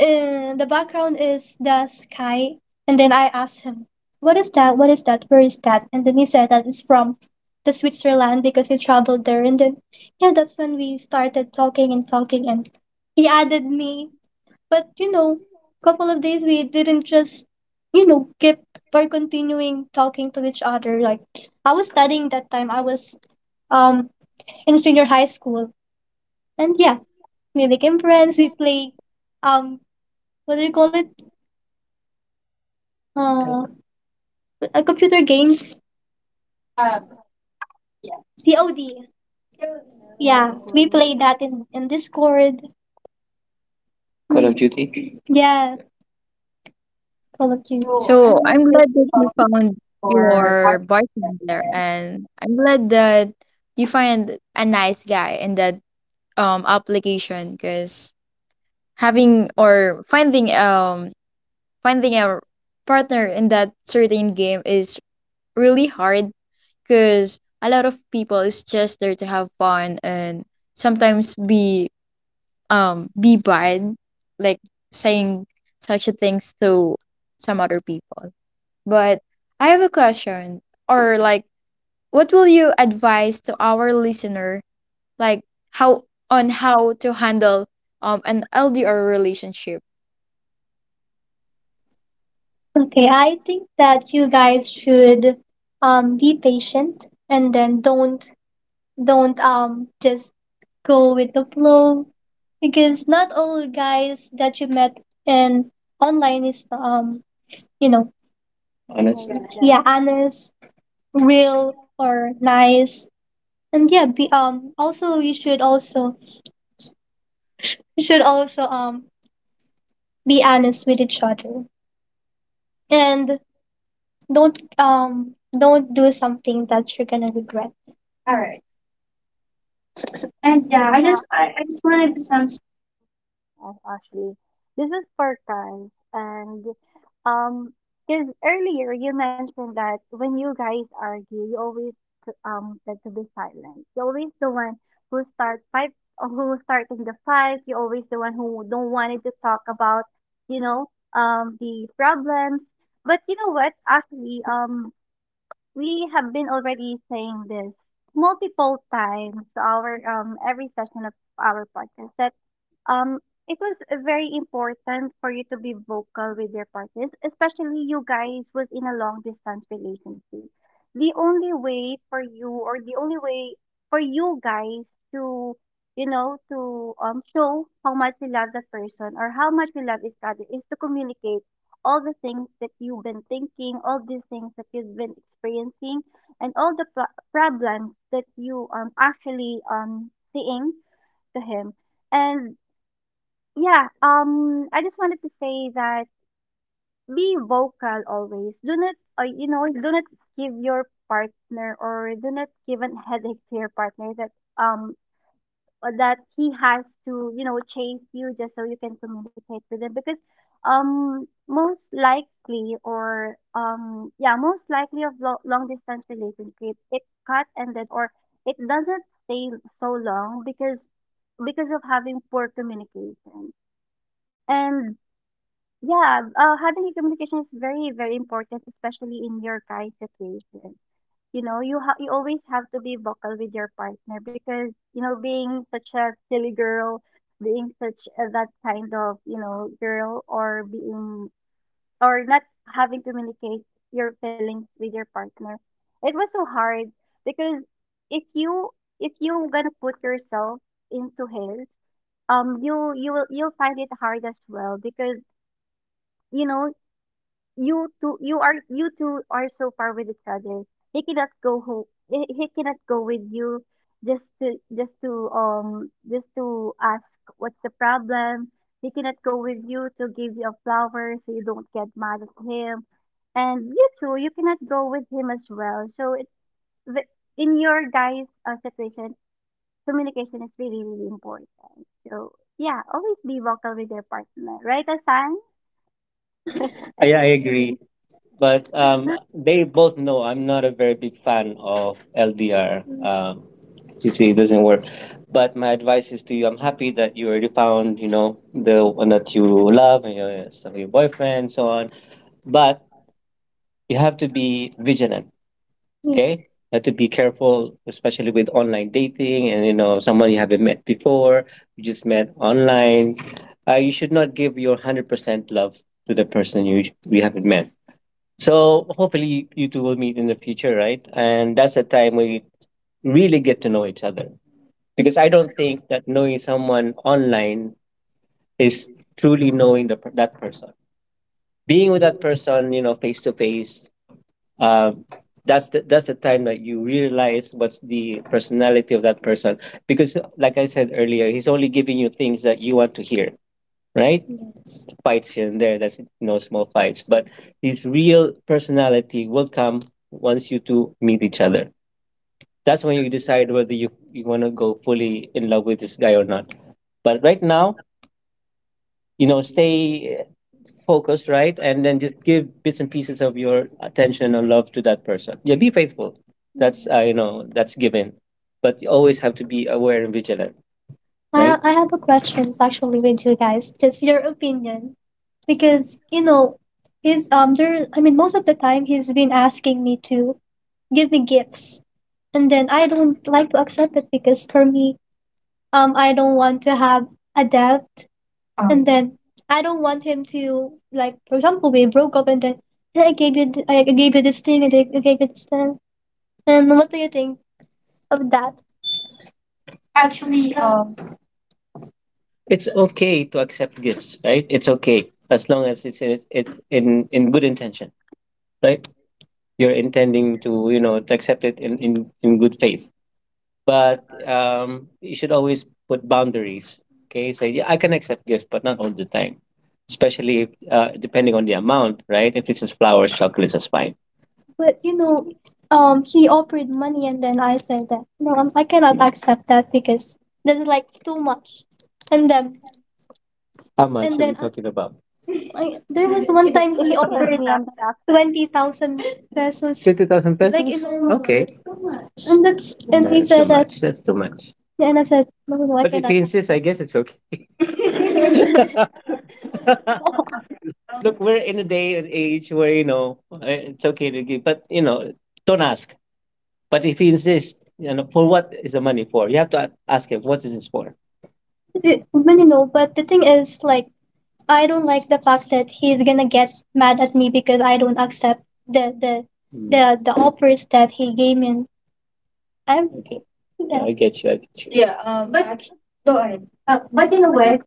[SPEAKER 2] the background is the sky, and then I asked him what is that, where is that. And then he said that it's from the Switzerland because he traveled there. And then yeah, that's when we started talking and talking, and he added me. But you know, couple of days we didn't just you know keep or continuing talking to each other. Like I was studying that time. I was um in senior high school, and yeah, we became friends. We play um what do you call it? Uh, computer games. Um, yeah. COD. Yeah, we
[SPEAKER 1] narratives.
[SPEAKER 2] play that in Discord. Call of Duty. Yeah, Call of Duty. So
[SPEAKER 3] So
[SPEAKER 2] I'm not
[SPEAKER 3] I'm
[SPEAKER 2] just
[SPEAKER 3] glad that you found
[SPEAKER 2] for.
[SPEAKER 3] your bartender, and I'm glad that you find a nice guy in that application, because having or finding finding a partner in that certain game is really hard, because a lot of people is just there to have fun and sometimes be bad, like saying such a things to some other people. But I have a question, or like, what will you advise to our listener, like how, on how to handle an LDR relationship?
[SPEAKER 2] Okay, I think that you guys should be patient, and then don't just go with the flow, because not all guys that you met in online is you know, honest.
[SPEAKER 1] Nice job.
[SPEAKER 2] Yeah, honest, real, or nice. And yeah, be also, you should also, you should also be honest with each other. And don't do something that you're gonna regret. And
[SPEAKER 1] Good
[SPEAKER 2] yeah, I
[SPEAKER 1] job.
[SPEAKER 2] just, I just wanted some
[SPEAKER 1] Yes, Ashley. This is for Franz. And um, because earlier you mentioned that when you guys argue, you always tend to be silent. You're always the one who start fight, who starting the fight. You're always the one who don't wanted to talk about, you know, the problems. But you know what, Ashley? We have been already saying this multiple times to our every session of our podcast that um it was very important for you to be vocal with your partners, especially you guys was in a long distance relationship. The only way for you or the only way for you guys to you know to show how much you love the person or how much you love each other is to communicate all the things that you've been thinking, all these things that you've been experiencing, and all the problems that you actually seeing to him. And yeah, I just wanted to say that be vocal always. Do not, you know, do not give your partner or do not give a headache to your partner that um or that he has to, you know, chase you just so you can communicate with him because most likely or yeah, most likely of long distance relationship, it cut ended or it doesn't stay so long because of having poor communication. And yeah, having a communication is very, very important, especially in your guys' situation. You know, you always have to be vocal with your partner because you know being such a silly girl, being such a, that kind of girl, or being or not having communicate your feelings with your partner, it was so hard because if you if you gonna put yourself into his you you will you'll find it hard as well because you know you two are so far with each other. He cannot go home. He cannot go with you just to just to ask what's the problem. He cannot go with you to give you a flower so you don't get mad at him. And you two, you cannot go with him as well, so it's the, in your guys' situation, communication is really, really important. So yeah, always be vocal with your partner, right, Asan?
[SPEAKER 2] yeah, I agree. But they both know I'm not a very big fan of LDR. You see, it doesn't work. But my advice is to you: I'm happy that you already found, you know, the one that you love and your stuff, your boyfriend, and so on. But you have to be vigilant. Mm. Okay, have to be careful, especially with online dating and you know someone you haven't met before. You just met online. You should not give your 100% love to the person you haven't met. So hopefully you two will meet in the future, right? And that's the time we really get to know each other. Because I don't think that knowing someone online is truly knowing the that person. Being with that person, you know, face to face, uh, that's the time that you realize what's the personality of that person, because like I said earlier, he's only giving you things that you want to hear, right? Fights here and there, that's you know small fights, but his real personality will come once you two meet each other. That's when you decide whether you want to go fully in love with this guy or not. But right now, you know, stay focused, right? And then just give bits and pieces of your attention and love to that person. Yeah, be faithful. That's you know, that's given. But you always have to be aware and vigilant. I have a question actually with you guys, just your opinion. Because, you know, he's there, I mean, most of the time he's been asking me to give me gifts. And then I don't like to accept it because for me, I don't want to have a debt, and then I don't want him to, like, for example, we broke up, and then "Hey, I gave you, I gave you this thing, and I gave you this thing." And what do you think of that? Actually, it's okay to accept gifts, right? It's okay as long as it's in good intention, right? You're intending to, you know, to accept it in good faith. But, you should always put boundaries, okay? So, "Yeah, I can accept gifts, but not all the time." Especially, if, depending on the amount, right? If it's just flowers, chocolates, that's fine. But, you know, he offered money, and then I said that no, I cannot accept that because that's like too much. And then, how much and are we then talking about? I, there was one
[SPEAKER 1] But
[SPEAKER 2] time he
[SPEAKER 1] if it was
[SPEAKER 2] offered
[SPEAKER 1] me, I'm gonna,
[SPEAKER 2] 20,000 pesos. 60,000, like, pesos? In- Okay. And that's, and he that's too said that, much. That's too much. Yeah, and I said, no, no, I But if cannot. He insists, I guess it's okay. Look, we're in a day and age where, you know, eh, it's okay to give, but, you know, don't ask. But if he insists, you know, for what is the money for? You have to ask him, what is this for? But, you know, but the thing is, like, I don't like the fact that he's gonna get mad at me because I don't accept the the offers that he gave me. And I'm okay, yeah. I get you. I get you. Yeah, but go ahead. But in a
[SPEAKER 1] but
[SPEAKER 2] way,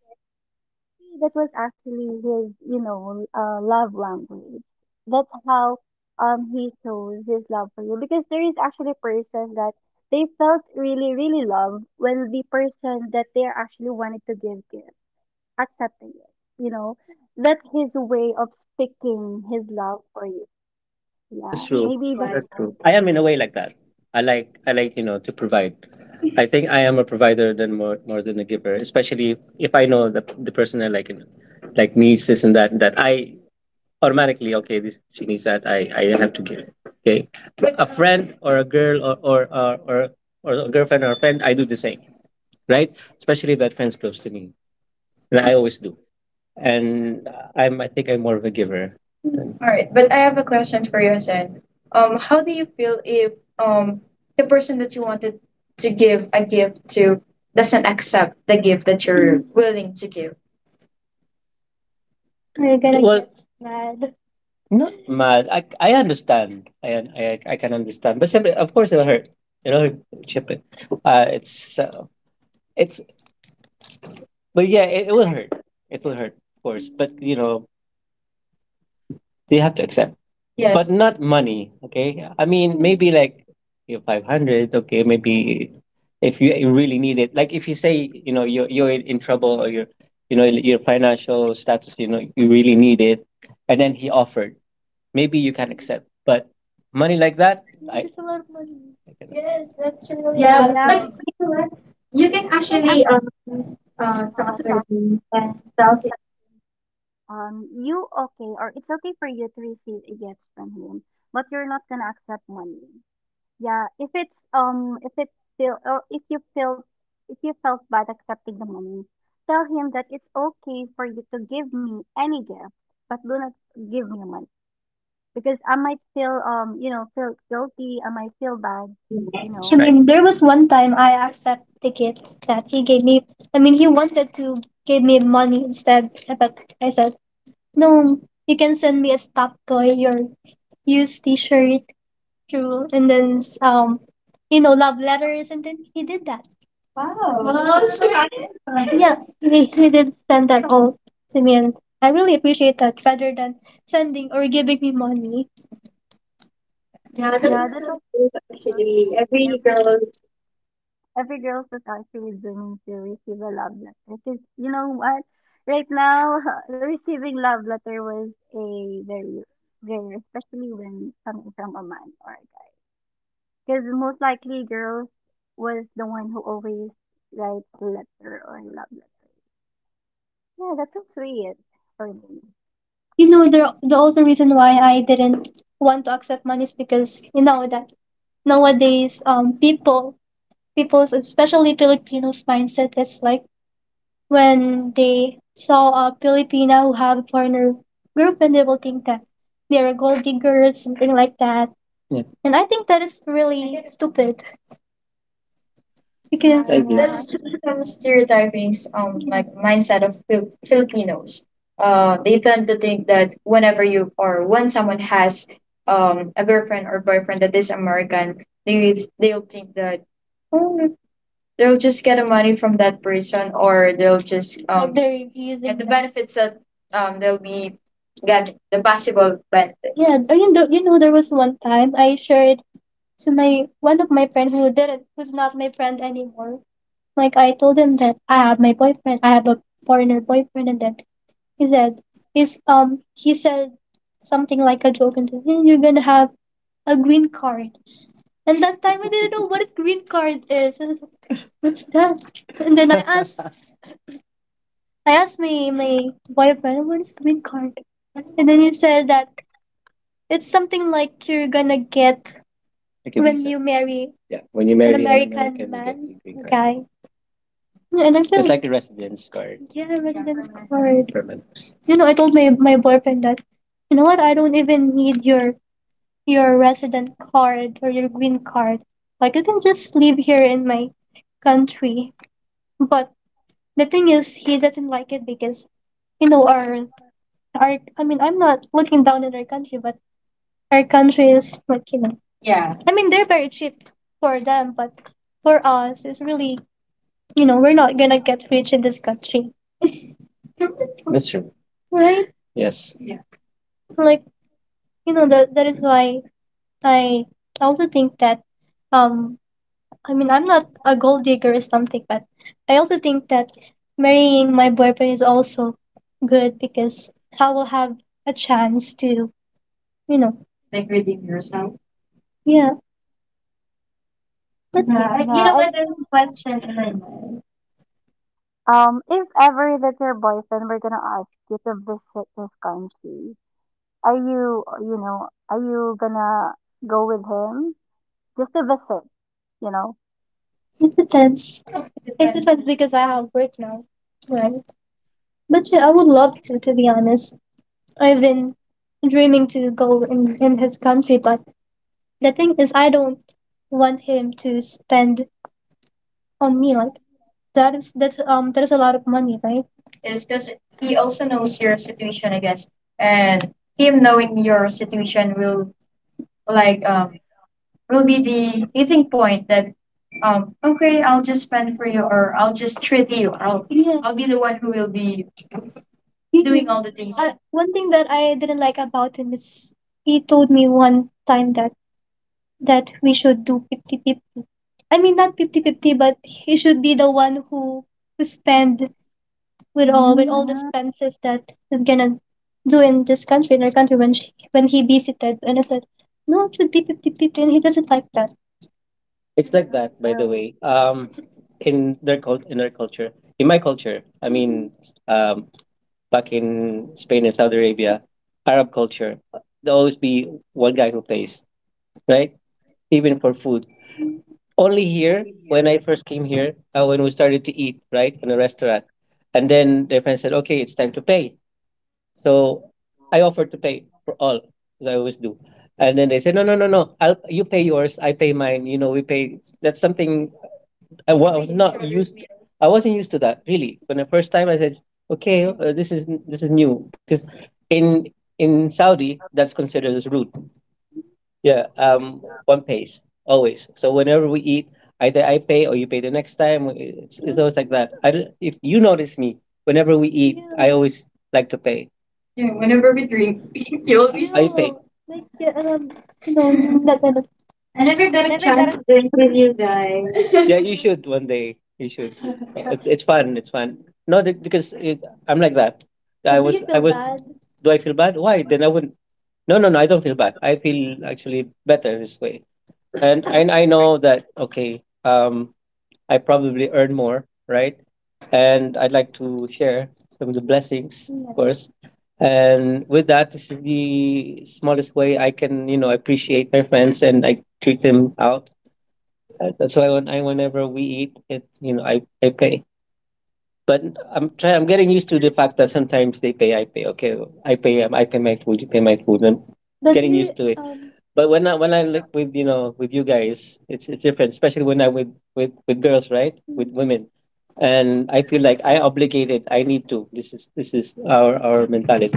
[SPEAKER 1] that was actually his, you know, love language. That's how he shows his love for you, because there is actually person that they felt really, really love when the person that they actually wanted to give gift, accepting it. You know, that's his way of speaking his love for you. Yeah,
[SPEAKER 2] that's true.
[SPEAKER 1] maybe
[SPEAKER 2] Like-
[SPEAKER 1] that's
[SPEAKER 2] That's
[SPEAKER 1] why.
[SPEAKER 2] true. I am in a way like that. I like, you know, to provide. I think I am a provider than more more than a giver, especially if I know the person I like and like needs this and that, that I automatically okay, this, she needs that, I have to give it. Okay, a friend or a girl or, or a girlfriend or a friend, I do the same, right? Especially if that friend's close to me, and I always do. And I'm, I think I'm more of a giver. All right, but I have a question for you, Sen. How do you feel if um the person that you wanted to give a gift to doesn't accept the gift that you're willing to give? We're gonna, well, get mad. Not mad. I understand. I can understand. But syempre, of course, it'll hurt. It'll hurt. Syempre. It's it's. But yeah, it will hurt. It will hurt, of course. But, you know, you have to accept. Yes. But not money. Okay. I mean, maybe like your 500. Okay, maybe if you really need it. Like if you say, you know, you're in trouble or you're, you know, your financial status. You know you really need it, and then he offered, maybe you can accept. But money like that, I, it's a lot of money. I cannot. Yes, that's really a, yeah, of,
[SPEAKER 1] Yeah,
[SPEAKER 2] but
[SPEAKER 1] but
[SPEAKER 2] you know what? You can
[SPEAKER 1] you can actually
[SPEAKER 2] actually talk
[SPEAKER 1] talk.
[SPEAKER 2] with him.
[SPEAKER 1] You okay, or it's okay for you to receive a gift from him, but you're not gonna accept money. Yeah, if it's still or if you felt, if you felt bad accepting the money, tell him that it's okay for you to give me any gift, but do not give me money because I might feel feel guilty. I might feel bad,
[SPEAKER 2] I,
[SPEAKER 1] you know.
[SPEAKER 2] right, mean, there was one time I accept the gift that he gave me. I mean, he wanted to give me money instead, but I said, no, you can send me a stuffed toy, your used t shirt, true. And then, you know, love letters. And then he did that. Oh, so, yeah, he did send that all to me, and I really appreciate that rather than sending or giving me money. Yeah, that's
[SPEAKER 1] Yeah, that
[SPEAKER 2] also
[SPEAKER 1] was our
[SPEAKER 2] actually every
[SPEAKER 1] every
[SPEAKER 2] girl.
[SPEAKER 1] Every girl was actually dreaming to receive a love letter. 'Cause you know what? Right now, receiving love letter was a very rare, especially when coming from a man or a guy. Because most likely girls was the one who always writes a letter or love letter. Yeah, that's so sweet for me.
[SPEAKER 2] You know, the also reason why I didn't want to accept money is because, you know, that nowadays, people's, especially Filipinos, mindset is like when they saw a Filipina who have a foreigner girlfriend, they will think that they are gold diggers, something like that. Yeah. And I think that is really stupid. Because I guess that's
[SPEAKER 1] Yeah,
[SPEAKER 2] just some stereotypings, like mindset of Filipinos. They tend to think that whenever you, or when someone has a girlfriend or boyfriend that is American, they'll think that oh, they'll just get the money from that person, or they'll just they're using get the that benefits that they'll be get the possible benefits. Yeah, benefits. You know, you know, there was one time I shared to my, one of my friends who didn't, who's not my friend anymore. Like I told him that I have my boyfriend, I have a foreigner boyfriend, and then he said he said something like a joke and said, "Yeah, you're gonna have a green card." And that time I didn't know what a green card is. I was like, what's that? And then I asked I asked my boyfriend what is green card, and then he said that it's something like you're gonna get, like a When visa. You marry, yeah, when you marry an American, American you man, get a green card. Guy. Yeah, and I'm just feeling like telling the residence card, yeah, residence card for members. You know, I told my boyfriend that, you know what? I don't even need your resident card or your green card. Like you can just live here in my country. But the thing is, he doesn't like it because, you know, our. I mean, I'm not looking down at our country, but our country is like, you know. Yeah. I mean, they're very cheap for them, but for us, it's really, you know, we're not gonna get rich in this country. That's true. Right? Yes. Yeah. Like, you know, that is why I also think that um I mean I'm not a gold digger or something, but I also think that marrying my boyfriend is also good because I will have a chance to, you know, like redeem yourself. Yeah, that- Yeah. You
[SPEAKER 1] yeah.
[SPEAKER 2] know
[SPEAKER 1] I,
[SPEAKER 2] what?
[SPEAKER 1] you
[SPEAKER 2] There's
[SPEAKER 1] know
[SPEAKER 2] a
[SPEAKER 1] what?
[SPEAKER 2] question in my mind.
[SPEAKER 1] If ever that your boyfriend were gonna ask you to visit this country, are you, you know, are you gonna go with him just to visit? You know.
[SPEAKER 2] It depends. It depends because I have work now, right? But yeah, I would love to be honest. I've been dreaming to go in his country, but the thing is, I don't want him to spend on me. Like that is, that's there's a lot of money, right? Yes, because he also knows your situation, I guess, and him knowing your situation will like will be the meeting point that okay, I'll just spend for you or I'll just treat you, I'll, yeah, I'll be the one who will be doing all the things. I, one thing that I didn't like about him is he told me one time that we should do 50 50. I mean not 50 50, but he should be the one who spend with all the
[SPEAKER 1] Mm,
[SPEAKER 2] expenses that is gonna do in this country, in our country, when she, when he visited. And I said no, it should be 50 50, and he doesn't like that. It's like that, by the
[SPEAKER 1] oh,
[SPEAKER 2] way. In their cult, in our culture, in my culture, I mean, um, back in Spain and Saudi Arabia, Arab culture, there'll always be one guy who pays, right? Even for food. Only here, when I first came here, when we started to eat, right, in a restaurant, and then their friend said, okay, it's time to pay. So I offered to pay for all, as I always do. And then they said, no, no, no, no, I'll, you pay yours, I pay mine. You know, we pay. That's something I was, making not sure it's used me. I wasn't used to that really. When the first time I said, "Okay, this is new," because in in Saudi that's considered as rude. Yeah, one pays always. So whenever we eat, either I pay or you pay the next time. It's always like that. I don't, if you notice me, whenever we eat, I always like to pay. Yeah, whenever we drink, you always I pay. Like, yeah, you know, that
[SPEAKER 1] no,
[SPEAKER 2] kind of- I never got
[SPEAKER 1] I
[SPEAKER 2] a
[SPEAKER 1] never got
[SPEAKER 2] chance
[SPEAKER 1] a
[SPEAKER 2] to drink with you guys. Yeah, you should one day. You should. It's fun. It's fun. No, that- because it, I'm like that. I do, you was, I feel was. Bad? Do I feel bad? Why? Then I wouldn't. No, no, no. I don't feel bad. I feel actually better this way, and I know that okay. I probably earn more, right? And I'd like to share some of the blessings, of, yes, course. And with that, this is the smallest way I can, appreciate my friends and I treat them out. That's why when I whenever we eat, I pay. But I'm getting used to the fact that sometimes they pay, I pay. Okay, I pay my food, you pay my food. I'm But getting we, used to it. But when I like with with you guys, it's different, especially when I with girls, right? With women, and I feel like I obligated. I need to. This is our mentality.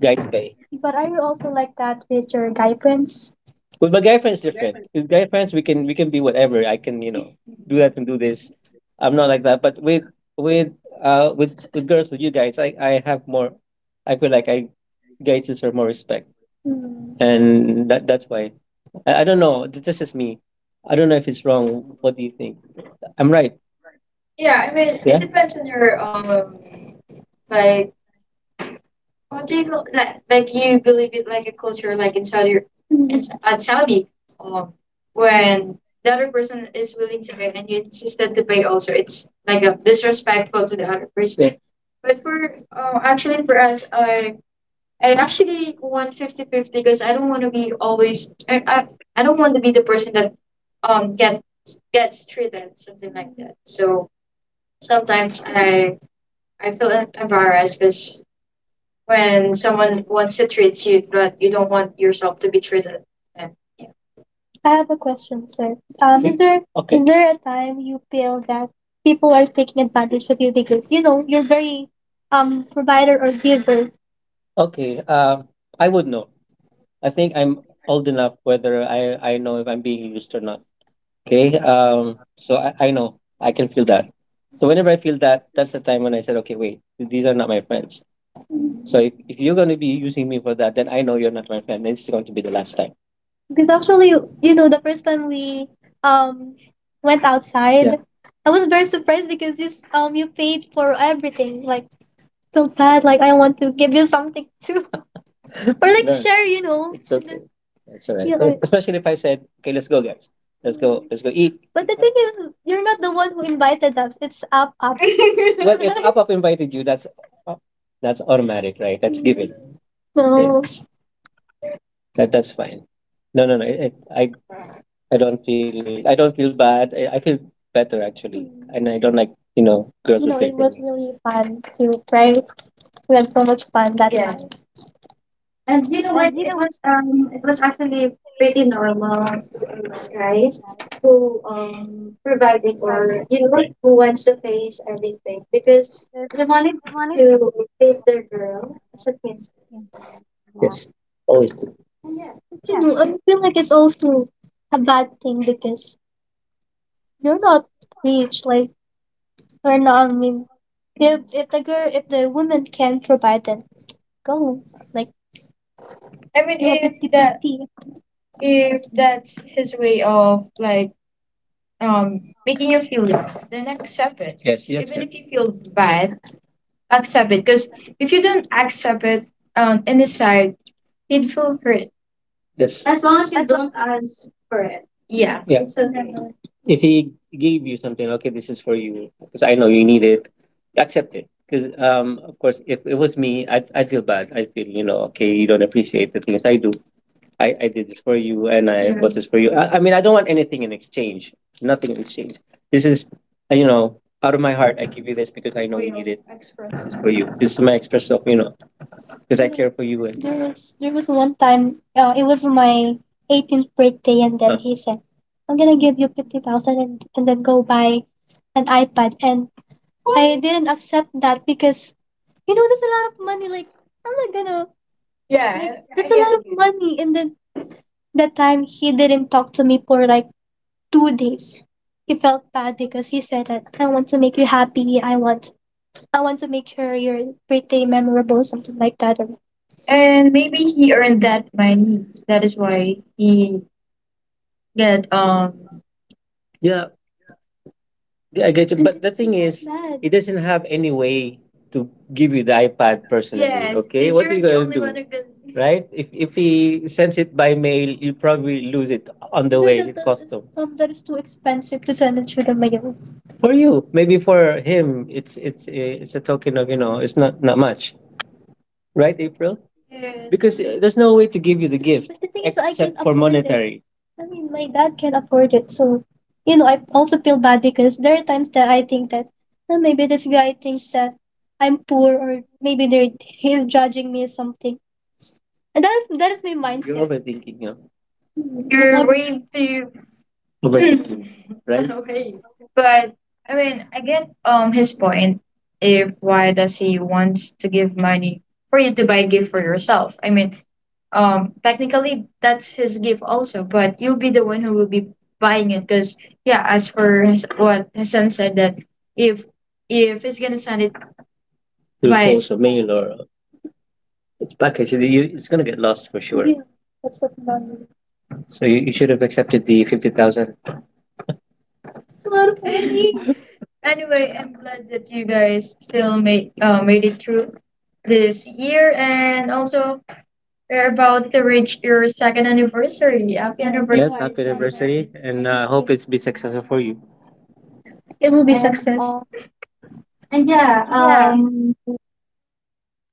[SPEAKER 2] Guy's Bay. But are you also like that with your guy friends? With my guy friends, different. With guy friends, we can be whatever. I can do that and do this. I'm not like that. But with with girls, with you guys, I have more. I feel like I guys deserve more respect, hmm, and that that's why. I don't know. That's just me. I don't know if it's wrong. What do you think? I'm right. Yeah, I mean, yeah, it depends on your like what do you lo- like? Like you believe it like a culture, like in Saudi, it's at Saudi, um, when the other person is willing to pay and you insist to pay also, it's like a disrespectful to the other person. Yeah. But for actually for us, I actually want 50-50 because I don't want to be always I don't want to be the person that um get gets treated something like that. So sometimes I feel embarrassed because when someone wants to treat you, but you don't want yourself to be treated. And yeah. I have a question, sir. Is there okay, is there a time you feel that people are taking advantage of you because you're very provider or giver? Okay. I would know. I think I'm old enough whether I know if I'm being used or not. Okay. So I know I can feel that. So whenever I feel that, that's the time when I said, okay, wait, these are not my friends. So if you're going to be using me for that, then I know you're not my friend. This is going to be the last time. Because actually, the first time we um went outside, yeah, I was very surprised because this you paid for everything. Like feel bad, like I want to give you something too, or like no, share, It's okay. It's all right. Yeah, especially if I said, okay, let's go, guys. Let's go. Let's go eat, but the thing is, you're not the one who invited us. It's up, up. Well, if Up Up invited you, that's automatic, right? That's given. No. That that's fine. No. I don't feel I don't feel bad. I feel better actually, mm, and I don't like girls You play it was me. Really fun to prank. We had so much fun that, yeah, night. And you know what?
[SPEAKER 1] and you know what's
[SPEAKER 2] It was actually pretty normal,
[SPEAKER 1] normal,
[SPEAKER 2] right? To guys
[SPEAKER 1] guys?
[SPEAKER 2] who providing
[SPEAKER 1] Providing
[SPEAKER 2] or right, who wants to face everything because
[SPEAKER 1] because
[SPEAKER 2] they wanted
[SPEAKER 1] I wanted
[SPEAKER 2] to treat their
[SPEAKER 1] a
[SPEAKER 2] girl
[SPEAKER 1] girl.
[SPEAKER 2] as a princess.
[SPEAKER 1] Yeah, yeah,
[SPEAKER 2] Yes, always do. Yeah,
[SPEAKER 1] yeah,
[SPEAKER 2] I feel like it's also a bad thing because you're not rich. Like we're not. I mean, if the girl, if the woman can provide, then go. Like I mean, do a if 50, that 50, if that's his way of like making you feel loved, then accept it. Yes, you even accept. If you feel bad, accept it. Because if you don't accept it, in his side, he'd feel hurt. Yes. As long as you
[SPEAKER 1] as long
[SPEAKER 2] don't ask for it. Yeah. Yeah. So definitely. If he gave you something, okay, this is for you because I know you need it. Accept it because, of course, if it was me, I'd feel bad. I feel okay, you don't appreciate the things I do. I did this for you, and I, yeah, bought this for you. I mean, I don't want anything in exchange. Nothing in exchange. This is, out of my heart. I give you this because I know you need it. Express. This is for you. This is my express, so because I care for you. And there was one time. It was my 18th birthday, and then huh, he said, "I'm gonna give you 50,000, and then go buy an iPad." And I didn't accept that because you know that's a lot of money. Like I'm not gonna. Yeah. Like, I lot of money. And then that time he didn't talk to me for like 2 days. He felt bad because he said that I want to make you happy. I want to make sure your birthday memorable, something like that. And maybe he earned that money. That is why he get yeah, I get you. But the thing is, mad, it doesn't have any way to give you the iPad personally. Yes, okay, because what are you're you the gonna only one do, who can, right? If he sends it by mail, you probably lose it on the way. It costs is, that is too expensive to send it through the mail? For you. Maybe for him, it's a token of it's not much. Right, April? Yes. Because there's no way to give you the gift, but the thing is, I can except for afford it. Monetary. I mean, my dad can afford it. So, I also feel bad because there are times that I think that, "Oh, maybe this guy thinks that I'm poor or maybe they're, he's judging me or something." And that is my you're mindset. Overthinking, you mm, you're I way too right. Right. Okay.
[SPEAKER 1] as it's
[SPEAKER 2] But I mean, I get his point. If Why does he wants to give money for you to buy a gift for yourself? I mean, technically that's his gift also, but you'll be the one who will be buying it because yeah, as for his, what his son said that if if he's gonna send it through by post or
[SPEAKER 1] like,
[SPEAKER 2] mail or it's packaged, it's gonna get lost for sure. Yeah, that's a money. So you should have accepted the 50,000. It's a lot of money. Anyway, I'm glad that you guys still made made it through this year, and also we're about to reach your second anniversary. Happy, yes, anniversary! Happy anniversary, and I hope it's been successful for you. It will be success.
[SPEAKER 1] and,
[SPEAKER 2] And yeah,
[SPEAKER 1] and yeah.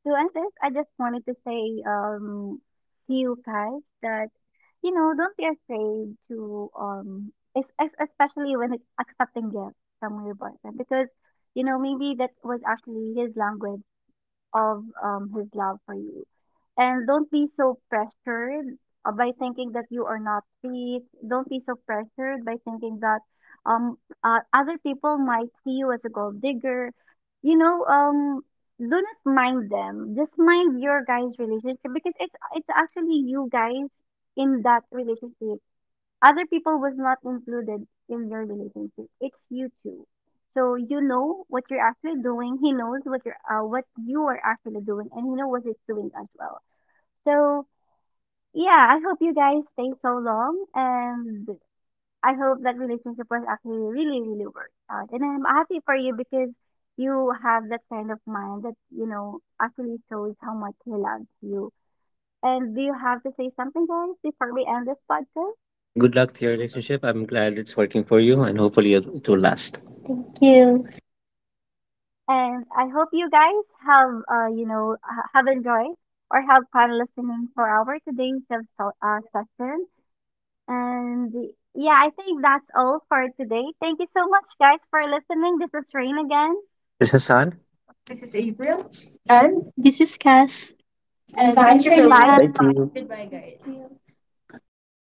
[SPEAKER 1] To end this, I just wanted to say to you guys that, you know, don't be afraid to, especially when it's accepting gifts from your boyfriend, because, you know, maybe that was actually his language of his love for you. And don't be so pressured by thinking that you are not fit. Don't be so pressured by thinking that um, other people might see you as a gold digger. You know, do not mind them. Just mind your guys' relationship because it's actually you guys in that relationship. Other people was not included in your relationship. It's you two. So you know what you're actually doing. He knows what you're what you are actually doing, and he knows what he's doing as well. So yeah, I hope you guys stay so long, and I hope that relationship was actually really, really worked out. And I'm happy for you because you have that kind of mind that you know actually shows how much he loves you. And do you have to say something, guys, before we end this podcast?
[SPEAKER 2] and good luck to your relationship. I'm glad it's working for you, and hopefully it will last. Thank you.
[SPEAKER 1] And I hope you guys have, you know, have enjoyed or have fun listening for our today's session. And yeah, I think that's all for today. Thank you so much, guys, for listening. This is Rain again,
[SPEAKER 2] This is Hassan. This is April, and this is Cass. And bye,
[SPEAKER 1] and
[SPEAKER 2] Katrina.
[SPEAKER 1] bye.
[SPEAKER 2] Thank you. Goodbye, guys.